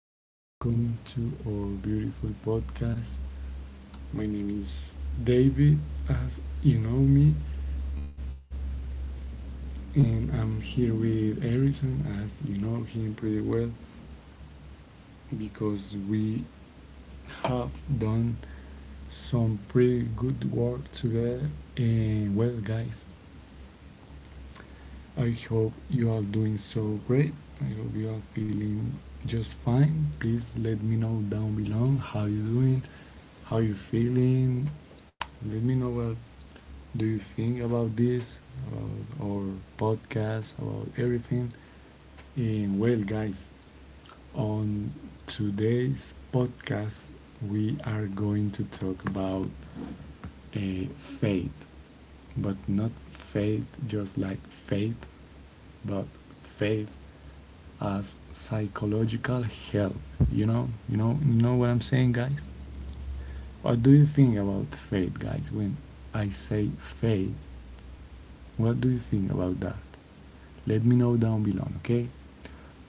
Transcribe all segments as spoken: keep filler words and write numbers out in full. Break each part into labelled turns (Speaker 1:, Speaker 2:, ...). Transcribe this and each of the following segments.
Speaker 1: guys, welcome to our beautiful podcast. My name is David, as you know me, and I'm here with Harrison, as you know him pretty well, because we have done some pretty good work together. And well, guys, I hope you are doing so great. I hope you are feeling just fine. Please let me know down below how you doing, how you feeling. Let me know what do you think about this, about our podcast, about everything. And well, guys, on today's podcast, we are going to talk about a faith, but not faith just like faith, but faith as psychological help. You know, you know, you know what I'm saying, guys. What do you think about faith, guys? When I say faith, what do you think about that? Let me know down below, okay?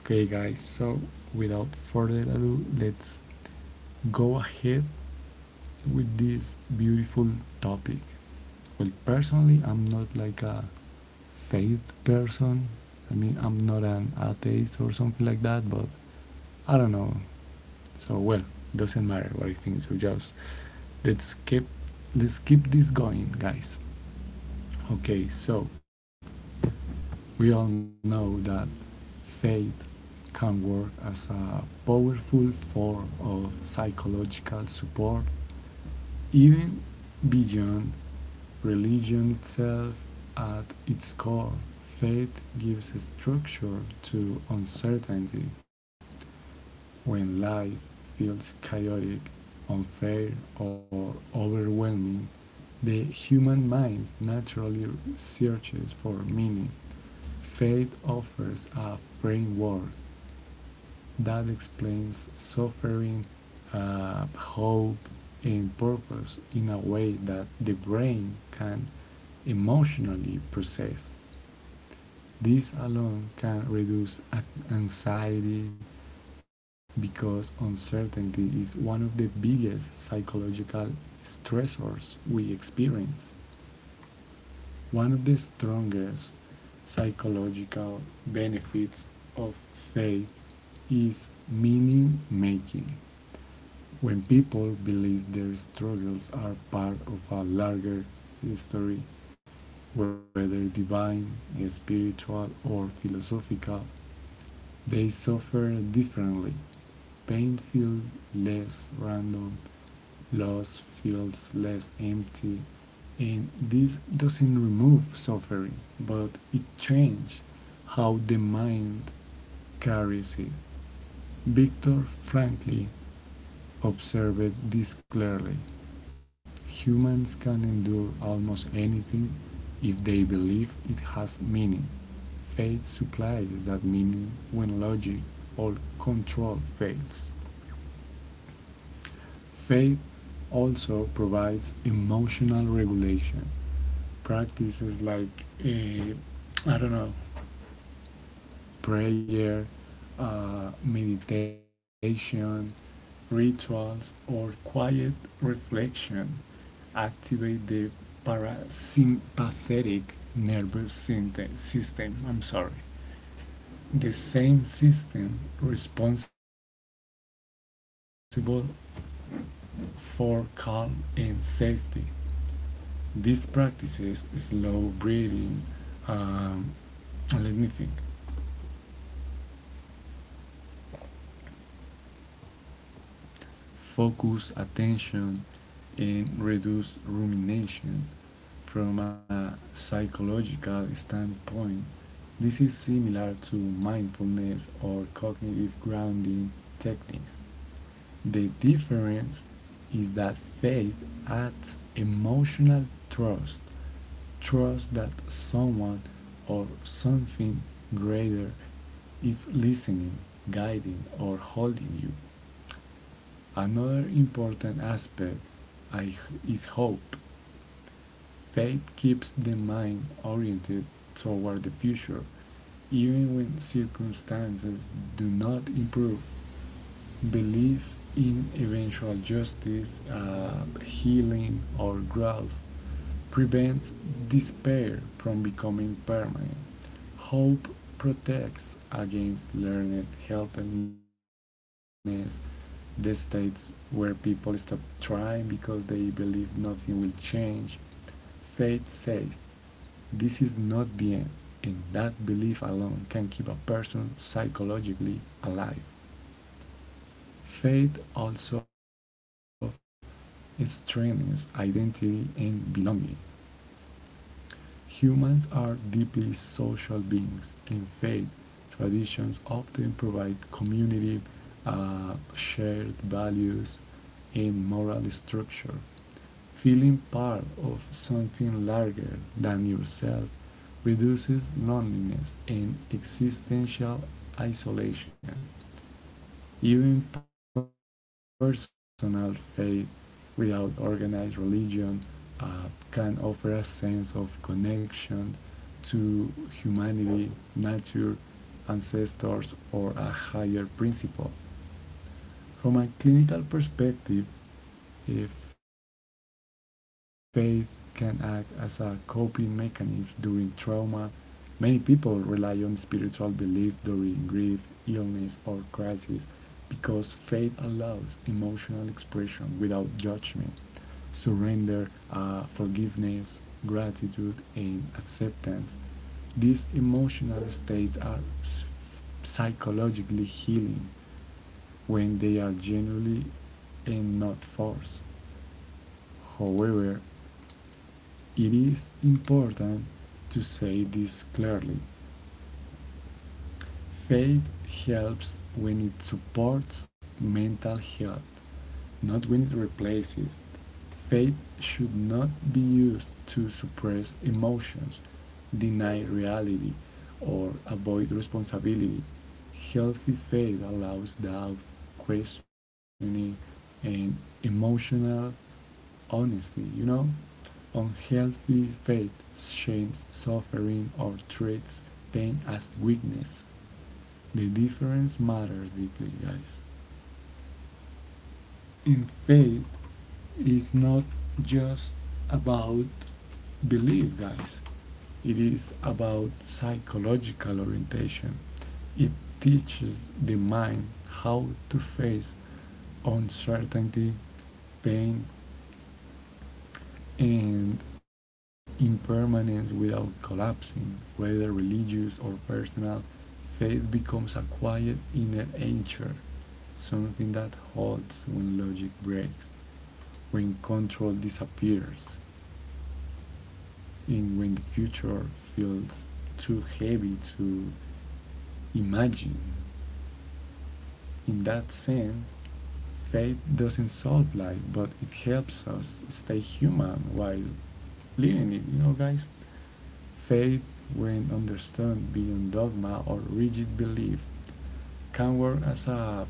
Speaker 1: Okay, guys. So without further ado, let's go ahead with this beautiful topic. Well, personally, I'm not like a faith person. I mean, I'm not an atheist or something like that, but I don't know. So well, doesn't matter what I think. So just let's keep let's keep this going, guys. Okay, so we all know that faith can work as a powerful form of psychological support even beyond religion itself at its core. Faith gives structure to uncertainty. When life feels chaotic, unfair, or overwhelming, the human mind naturally searches for meaning. Faith offers a framework that explains suffering, uh, hope, and purpose in a way that the brain can emotionally process. This alone can reduce anxiety because uncertainty is one of the biggest psychological stressors we experience. One of the strongest psychological benefits of faith is meaning making. When people believe their struggles are part of a larger history, whether divine, spiritual, or philosophical, they suffer differently. Pain feels less random, loss feels less empty, and this doesn't remove suffering, but it changes how the mind carries it. Viktor frankly observed this clearly. Humans can endure almost anything if they believe it has meaning. Faith supplies that meaning when logic or control fails. Faith also provides emotional regulation. Practices like, eh, I don't know, prayer, uh, meditation, rituals, or quiet reflection activate the parasympathetic nervous system. I'm sorry. The same system responsible for calm and safety. These practices slow breathing. Um, let me think. Focus attention and reduce rumination. From a psychological standpoint, this is similar to mindfulness or cognitive grounding techniques. The difference is that faith adds emotional trust, trust that someone or something greater is listening, guiding, or holding you. Another important aspect is hope. Faith keeps the mind oriented toward the future, even when circumstances do not improve belief in eventual justice, uh, healing, or growth prevents despair from becoming permanent. Hope protects against learned helplessness, the states where people stop trying because they believe nothing will change. Faith says, this is not the end, and that belief alone can keep a person psychologically alive. Faith also strengthens identity and belonging. Humans are deeply social beings, and faith traditions often provide community, uh, shared values, and moral structure. Feeling part of something larger than yourself reduces loneliness and existential isolation. Even personal faith without organized religion uh, can offer a sense of connection to humanity, nature, ancestors, or a higher principle. From a clinical perspective, if faith can act as a coping mechanism during trauma, many people rely on spiritual belief during grief, illness, or crisis because faith allows emotional expression without judgment, surrender, uh, forgiveness, gratitude, and acceptance. These emotional states are psychologically healing when they are generally and not forced. However, it is important to say this clearly. Faith helps when it supports mental health, not when it replaces it. Faith should not be used to suppress emotions, deny reality, or avoid responsibility. Healthy faith allows doubt, questioning, and emotional honesty, you know? Unhealthy faith shames suffering or treats pain as weakness. The difference matters deeply, guys. And faith is not just about belief, guys. It is about psychological orientation. It teaches the mind how to face uncertainty, pain, and impermanence without collapsing, whether religious or personal. Faith becomes a quiet inner anchor, something that halts when logic breaks, when control disappears, and when the future feels too heavy to imagine. In that sense, faith doesn't solve life, but it helps us stay human while living it, you know, guys? Faith, when understood beyond dogma or rigid belief, can work as a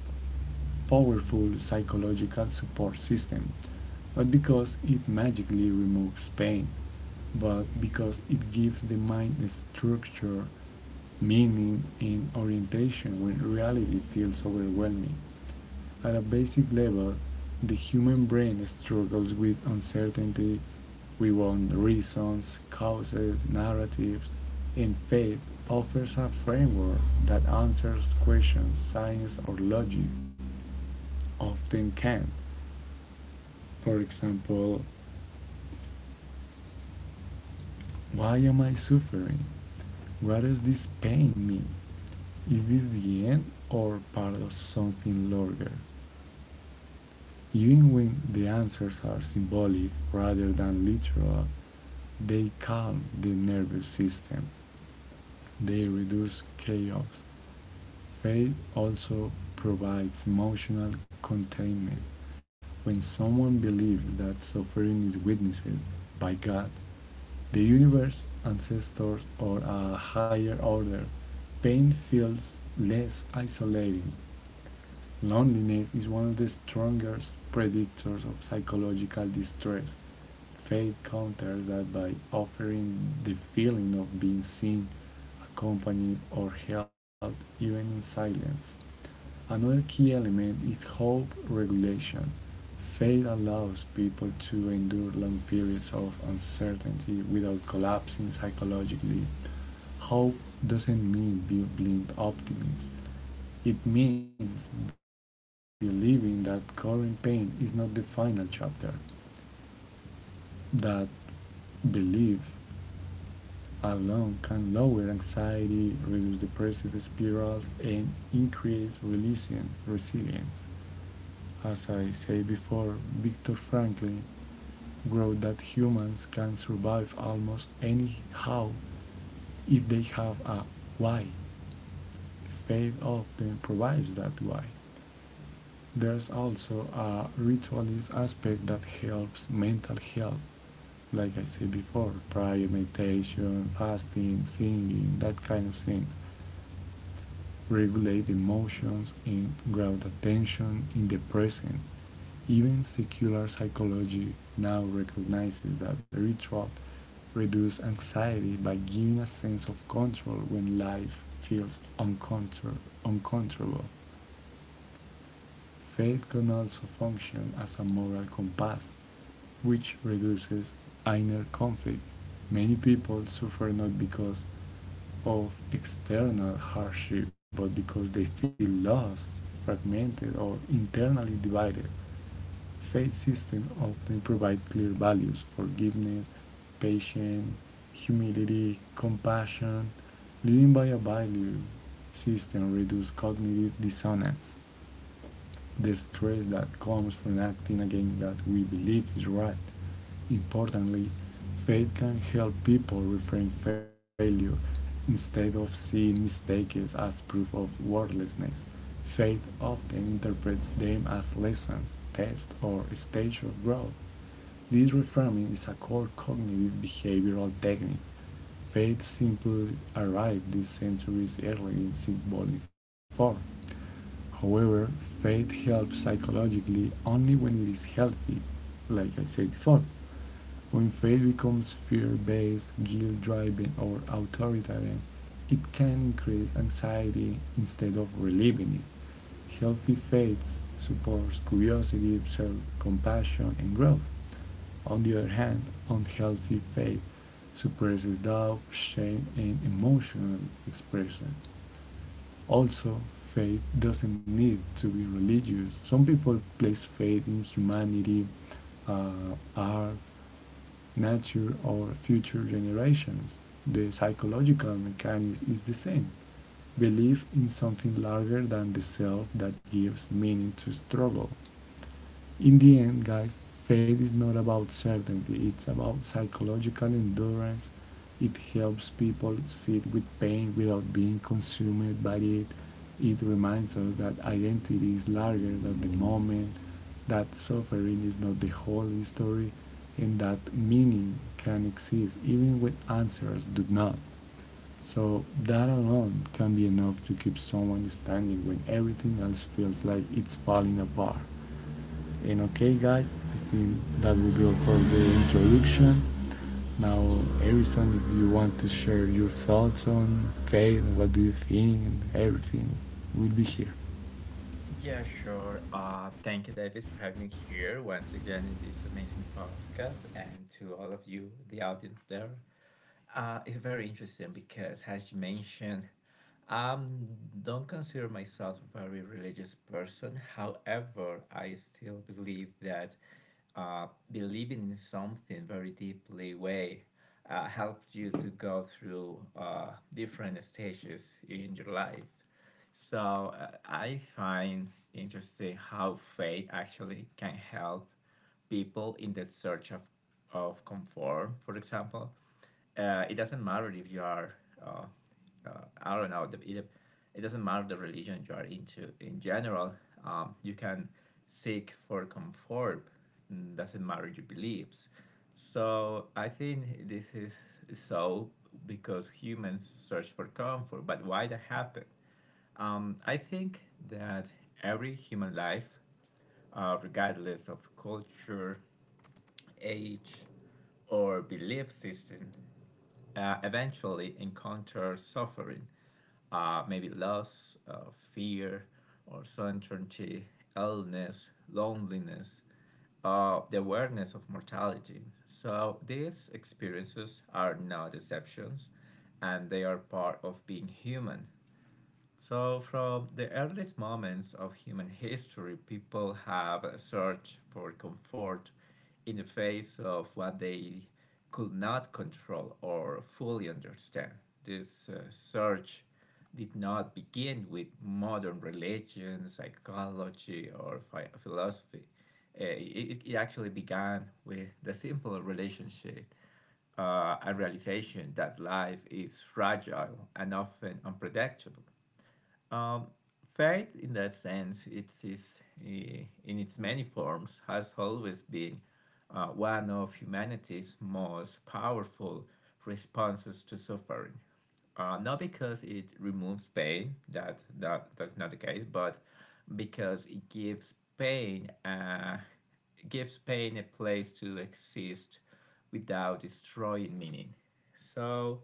Speaker 1: powerful psychological support system, but because it magically removes pain, but because it gives the mind structure, meaning, and orientation when reality feels overwhelming. At a basic level, the human brain struggles with uncertainty, we want reasons, causes, narratives, and faith offers a framework that answers questions science or logic often can't. For example, why am I suffering? What does this pain mean? Is this the end or part of something larger? Even when the answers are symbolic rather than literal, they calm the nervous system. They reduce chaos. Faith also provides emotional containment. When someone believes that suffering is witnessed by God, the universe, ancestors, or a higher order. Pain feels less isolating. Loneliness is one of the strongest predictors of psychological distress. Faith counters that by offering the feeling of being seen, accompanied, or held even in silence. Another key element is hope regulation. Faith allows people to endure long periods of uncertainty without collapsing psychologically. Hope doesn't mean be blind optimism. It means believing that current pain is not the final chapter, that belief alone can lower anxiety, reduce depressive spirals, and increase resilience. resilience. As I said before, Viktor Frankl wrote that humans can survive almost anyhow if they have a why. Faith often provides that why. There's also a ritualist aspect that helps mental health. Like I said before, prayer, meditation, fasting, singing, that kind of things regulate emotions, and ground attention in the present. Even secular psychology now recognizes that ritual reduce anxiety by giving a sense of control when life feels uncontrollable. Faith can also function as a moral compass, which reduces inner conflict. Many people suffer not because of external hardship, but because they feel lost, fragmented, or internally divided. Faith systems often provide clear values forgiveness, patience, humility, compassion. Living by a value system reduces cognitive dissonance. The stress that comes from acting against that we believe is right. Importantly, faith can help people reframe failure instead of seeing mistakes as proof of worthlessness. Faith often interprets them as lessons, tests, or stages of growth. This reframing is a core cognitive behavioral technique. Faith simply arrived these centuries early in symbolic form. However, faith helps psychologically only when it is healthy, like I said before. When faith becomes fear based, guilt driven, or authoritarian, it can increase anxiety instead of relieving it. Healthy faith supports curiosity, self compassion, and growth. On the other hand, unhealthy faith suppresses doubt, shame, and emotional expression. Also, faith doesn't need to be religious. Some people place faith in humanity, uh, art, nature, or future generations. The psychological mechanism is the same. Belief in something larger than the self that gives meaning to struggle. In the end, guys, faith is not about certainty, it's about psychological endurance. It helps people sit with pain without being consumed by it. It reminds us that identity is larger than the moment, that suffering is not the whole story, and that meaning can exist even when answers do not. So, that alone can be enough to keep someone standing when everything else feels like it's falling apart. And okay, guys, I think that will be all for the introduction. Now, Harrison, if you want to share your thoughts on faith, what do you think, everything, will be here.
Speaker 2: Yeah, sure. Uh, thank you, David, for having me here once again in this amazing podcast, and to all of you, the audience there. Uh, it's very interesting because, as you mentioned, I don't consider myself a very religious person. However, I still believe that uh, believing in something very deeply way uh, helps you to go through uh, different stages in your life. So uh, I find interesting how faith actually can help people in the search of, of comfort, for example uh, it doesn't matter if you are uh, uh, I don't know the, it, it doesn't matter the religion you are into in general. Um, you can seek for comfort, mm, doesn't matter your beliefs. So I think this is, so because humans search for comfort, but why that happen? um, I think that every human life, uh, regardless of culture, age, or belief system, uh, eventually encounter suffering, uh, maybe loss, uh, fear, or uncertainty, illness, loneliness, uh, the awareness of mortality. So these experiences are not deceptions, and they are part of being human. So, from the earliest moments of human history, people have searched for comfort in the face of what they could not control or fully understand. This uh, search did not begin with modern religion, psychology, or phi- philosophy. Uh, it, it actually began with the simple relationship, uh, a realization that life is fragile and often unpredictable. Um, Faith, in that sense, it is eh, in its many forms, has always been uh, one of humanity's most powerful responses to suffering. Uh, not because it removes pain, that, that that's not the case, but because it gives pain uh, gives pain a place to exist without destroying meaning. So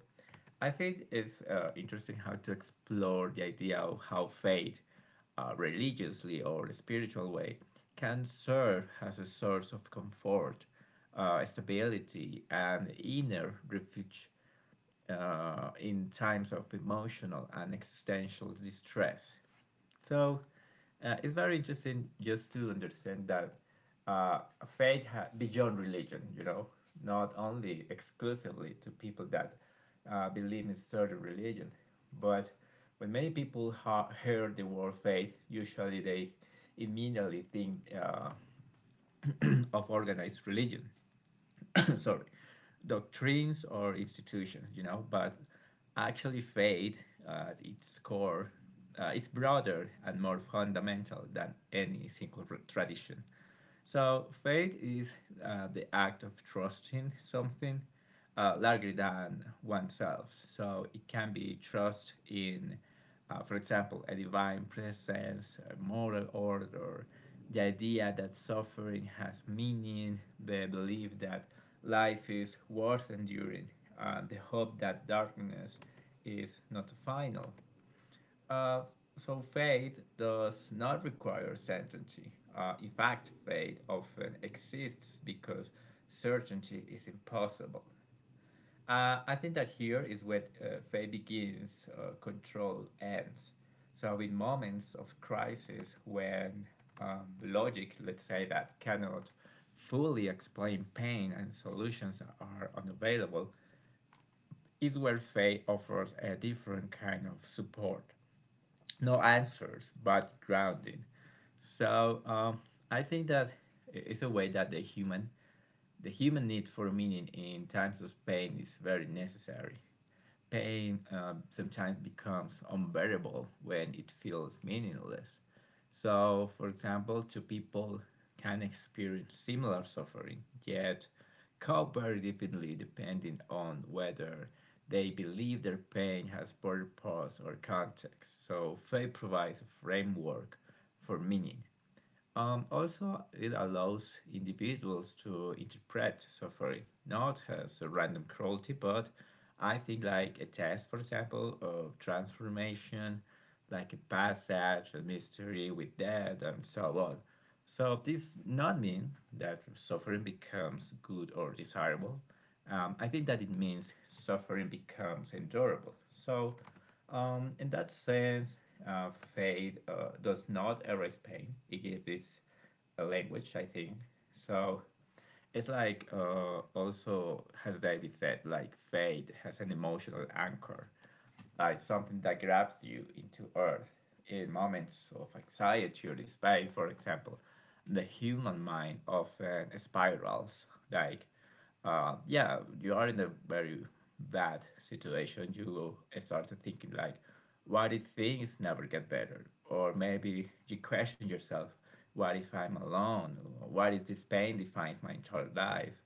Speaker 2: I think it's uh, interesting how to explore the idea of how faith, uh, religiously or spiritual way, can serve as a source of comfort, uh, stability, and inner refuge uh, in times of emotional and existential distress. So uh, it's very interesting just to understand that uh, faith ha- beyond religion, you know, not only exclusively to people that uh, believe in certain religion, but when many people ha- hear the word faith, usually they immediately think uh, of organized religion, sorry, doctrines or institutions, you know, but actually faith uh, at its core uh, is broader and more fundamental than any single tradition. So faith is uh, the act of trusting something uh, larger than oneself. So it can be trust in, uh, for example, a divine presence, a moral order, the idea that suffering has meaning, the belief that life is worth enduring, and the hope that darkness is not final. Uh, so faith does not require certainty. Uh, in fact, faith often exists because certainty is impossible. Uh, I think that here is where uh, faith begins, uh, control ends. So, in moments of crisis when, um, logic, let's say that, cannot fully explain pain and solutions are unavailable, is where faith offers a different kind of support. No answers, but grounding. So, um, I think that it's a way that the human, the human need for meaning in times of pain is very necessary. Pain uh, sometimes becomes unbearable when it feels meaningless. So, for example, two people can experience similar suffering, yet cope very differently depending on whether they believe their pain has purpose or context. So, faith provides a framework for meaning. Um, also, it allows individuals to interpret suffering not as a random cruelty, but I think like a test, for example, of transformation, like a passage, a mystery with death, and so on. So this not mean that suffering becomes good or desirable. Um, I think that it means suffering becomes endurable. So um, in that sense, uh, faith uh, does not erase pain. It gives this a language, I think. So it's like, uh, also, as David said, like faith has an emotional anchor, like something that grabs you into earth in moments of anxiety or despair. For example, the human mind often spirals, like uh, yeah, you are in a very bad situation. You started thinking like, why did things never get better? Or maybe you question yourself, what if I'm alone? What if this pain defines my entire life?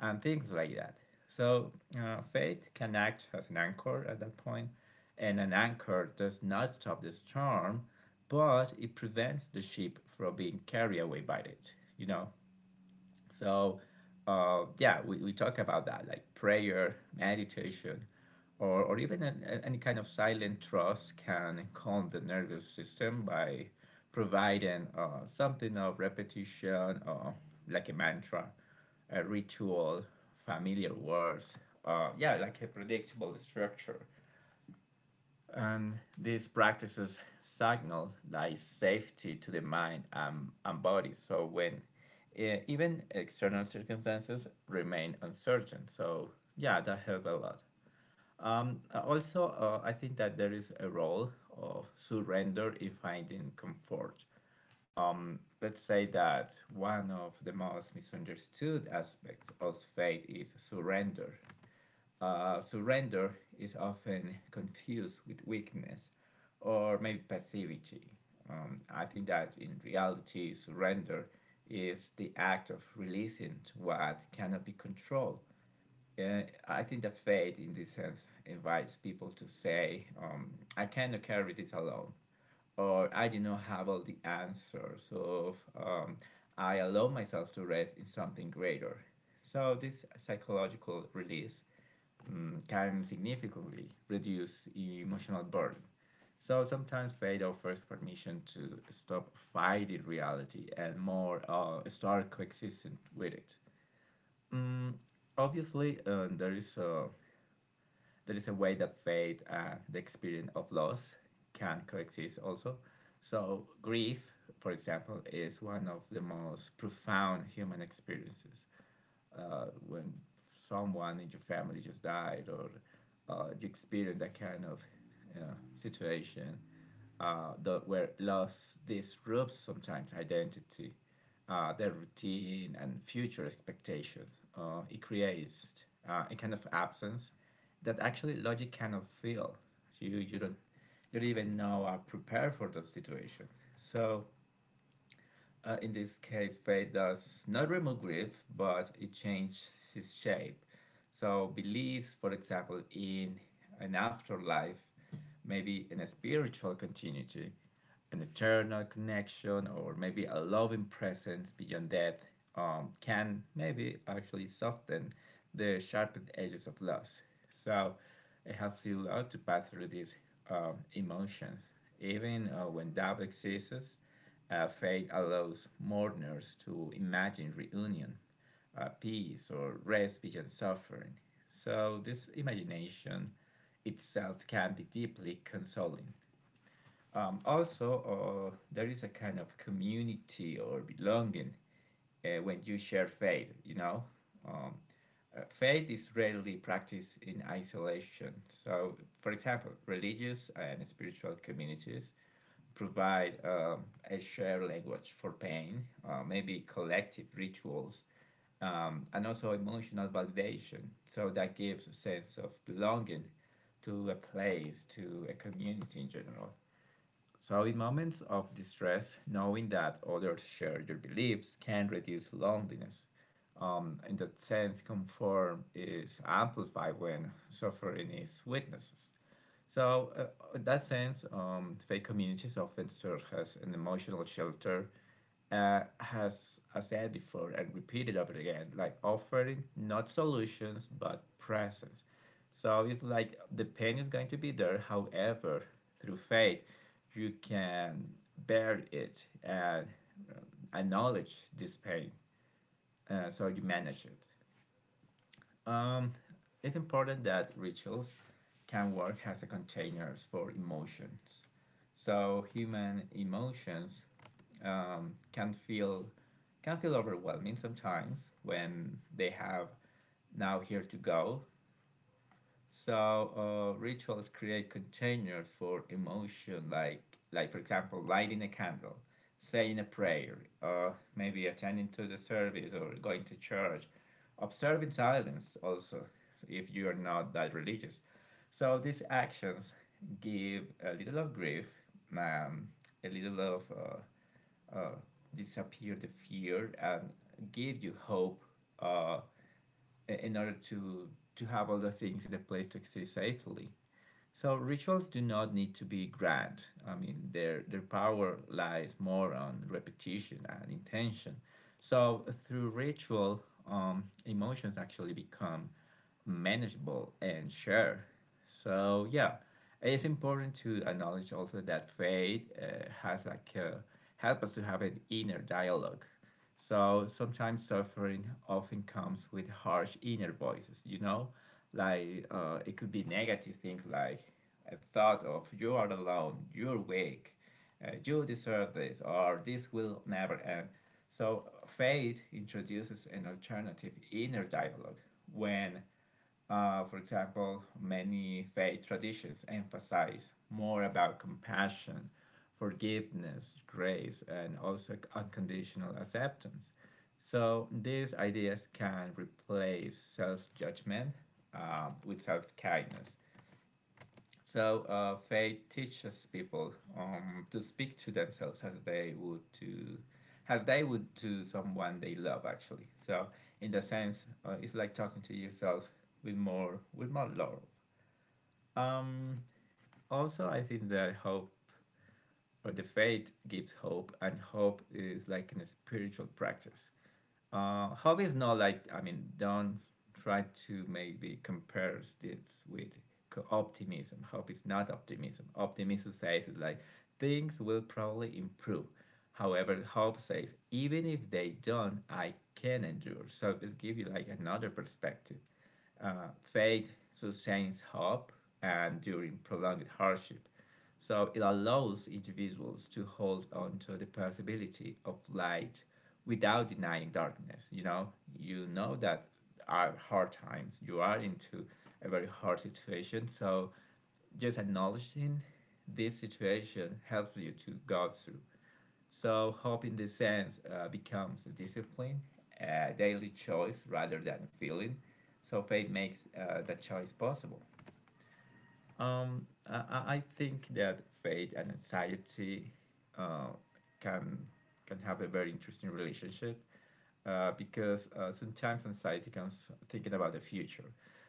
Speaker 2: And things like that. So uh, faith can act as an anchor at that point, and an anchor does not stop the storm, but it prevents the ship from being carried away by it. You know, so, uh, yeah, we, we talk about that, like prayer, meditation, or, or even an, an- any kind of silent trust can calm the nervous system by providing uh, something of repetition, uh, like a mantra, a ritual, familiar words, uh, yeah, like a predictable structure. And these practices signal like safety to the mind and, and body. So when eh, even external circumstances remain uncertain. So yeah, that helped a lot. Um, uh, also, uh, I think that there is a role of surrender in finding comfort. Let's say that one of the most misunderstood aspects of faith is surrender. Uh, surrender is often confused with weakness or maybe passivity. Um, I think that in reality, surrender is the act of releasing what cannot be controlled. And I think that faith, in this sense, invites people to say, um, I cannot carry this alone, or I do not have all the answers, so um, I allow myself to rest in something greater. So, this psychological release, mm, can significantly reduce emotional burden. So sometimes faith offers permission to stop fighting reality and more, uh, start coexisting with it. Mm, Obviously, uh, there is a there is a way that faith and the experience of loss can coexist also. So grief, for example, is one of the most profound human experiences uh, when someone in your family just died, or uh, you experience that kind of uh, situation, uh, the, where loss disrupts sometimes identity, uh, their routine and future expectations. Uh, it creates uh, a kind of absence that actually logic cannot fill. You, you don't you don't even know are prepared for the situation. So uh, in this case, faith does not remove grief, but it changes its shape. So, beliefs, for example, in an afterlife, maybe in a spiritual continuity, an eternal connection, or maybe a loving presence beyond death, um, can maybe actually soften the sharpened edges of loss. So it helps you a lot to pass through these um, emotions. Even uh, when doubt exists, uh, faith allows mourners to imagine reunion, uh, peace, or rest beyond suffering. So this imagination itself can be deeply consoling. Um, also, uh, there is a kind of community or belonging uh, when you share faith, you know. Um, uh, Faith is rarely practiced in isolation. So, for example, religious and spiritual communities provide, um, a shared language for pain, uh, maybe collective rituals, um, and also emotional validation. So, that gives a sense of belonging to a place, to a community in general. So, in moments of distress, knowing that others share your beliefs can reduce loneliness. Um, in that sense, comfort is amplified when suffering is witnessed. So, uh, in that sense, um, fake communities often serve as an emotional shelter, uh, as I said before and repeated over again, like offering not solutions but presence. So it's like the pain is going to be there. However, through faith, you can bear it and um, acknowledge this pain, uh, so you manage it. Um, it's important that rituals can work as a containers for emotions. So human emotions, um, can feel, can feel overwhelming sometimes when they have now here to go. So uh, rituals create containers for emotion, like like for example, lighting a candle, saying a prayer, or maybe attending to the service or going to church, observing silence also if you are not that religious. So these actions give a little of grief, um, a little of uh, uh, disappear the fear, and give you hope uh, in order to to have all the things in a place to exist safely. So rituals do not need to be grand. I mean, their their power lies more on repetition and intention. So through ritual, um, emotions actually become manageable and shared. So yeah, it's important to acknowledge also that faith uh, has like, uh, help us to have an inner dialogue. So sometimes suffering often comes with harsh inner voices. You know, like uh, it could be negative things, like a thought of you are alone, you're weak, uh, you deserve this, or this will never end. So, faith introduces an alternative inner dialogue when, uh, for example, many faith traditions emphasize more about compassion, forgiveness, grace, and also unconditional acceptance. So these ideas can replace self judgment uh, with self kindness. So uh, faith teaches people, um, to speak to themselves as they would to as they would to someone they love actually. So in the sense, uh, it's like talking to yourself with more with more love. Um, also, I think that hope or the faith gives hope, and hope is like a spiritual practice. Uh, hobbies, not like, I mean, don't try to maybe compare this with optimism. Hope is not optimism. Optimism says like things will probably improve. However, hope says even if they don't, I can endure. So it gives you like another perspective. Uh, faith sustains hope and during prolonged hardship. So it allows individuals to hold on to the possibility of light without denying darkness. You know, you know that are hard times. You are into a very hard situation. So just acknowledging this situation helps you to go through. So hope in this sense uh, becomes a discipline, a daily choice rather than a feeling. So faith makes uh, that choice possible. Um, I, I- think that faith and anxiety uh, can can have a very interesting relationship uh, because uh, sometimes anxiety comes thinking about the future.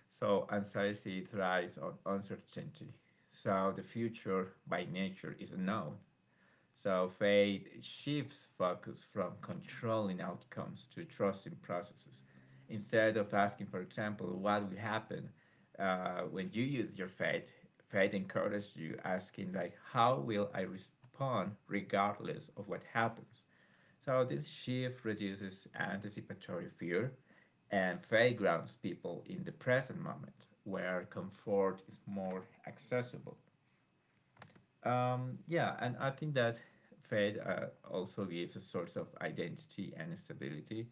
Speaker 2: So anxiety thrives on uncertainty. So the future by nature is unknown. So faith shifts focus from controlling outcomes to trusting processes. Instead of asking, for example, what will happen uh, when you use your faith, faith encourages you asking like, how will I respond regardless of what happens? So this shift reduces anticipatory fear, and faith grounds people in the present moment where comfort is more accessible. Um, yeah, and I think that Fed uh, also gives a source of identity and stability.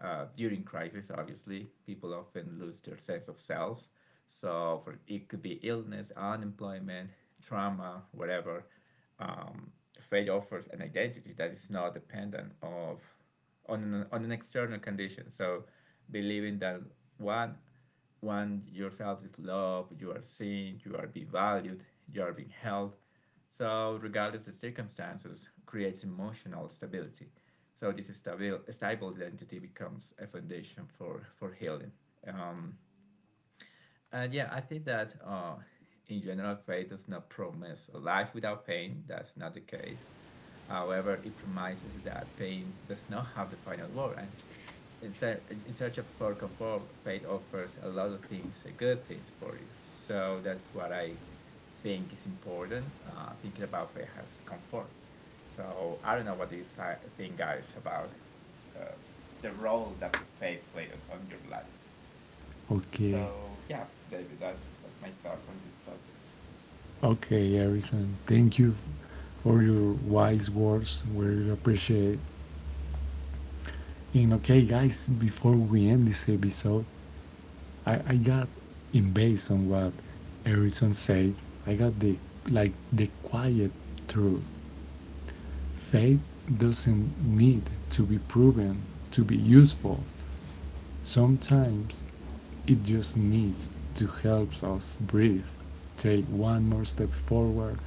Speaker 2: Uh, during crisis, obviously, people often lose their sense of self. So for it could be illness, unemployment, trauma, whatever. Um, Fed offers an identity that is not dependent of on an, on an external condition. So believing that one want yourself is loved, you are seen, you are being valued, you are being held. So regardless of the circumstances, creates emotional stability. So this is stable, stable identity becomes a foundation for, for healing. Um, and Yeah, I think that uh, in general, faith does not promise a life without pain. That's not the case. However, it promises that pain does not have the final word, and in, ser- in search of for comfort, faith offers a lot of things, uh, good things for you. So that's what I think is important. Uh, thinking about faith has comfort. So I don't know what do you thi- think, guys, about uh, the role that faith played on your life.
Speaker 1: Okay.
Speaker 2: So yeah, David, that's that's my thoughts on this subject.
Speaker 1: Okay, Harrison. Thank you for your wise words. We really appreciate it. And okay, guys, before we end this episode, I, I got, in based on what Harrison said, I got the like the quiet truth. Faith doesn't need to be proven to be useful. Sometimes it just needs to help us breathe, take one more step forward,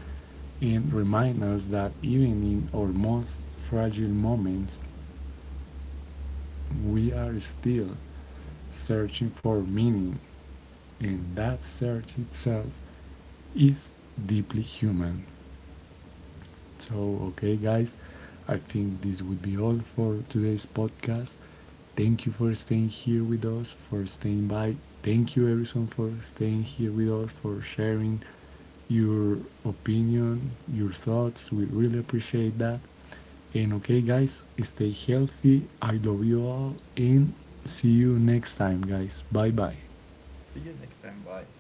Speaker 1: and remind us that even in our most fragile moments, we are still searching for meaning, and that search itself is deeply human. So, okay, guys, I think this would be all for today's podcast. Thank you for staying here with us, for staying by. Thank you, Erison, for staying here with us, for sharing your opinion, your thoughts. We really appreciate that. And okay, guys, stay healthy. I love you all, and see you next time, guys. Bye bye.
Speaker 2: See you next time. Bye.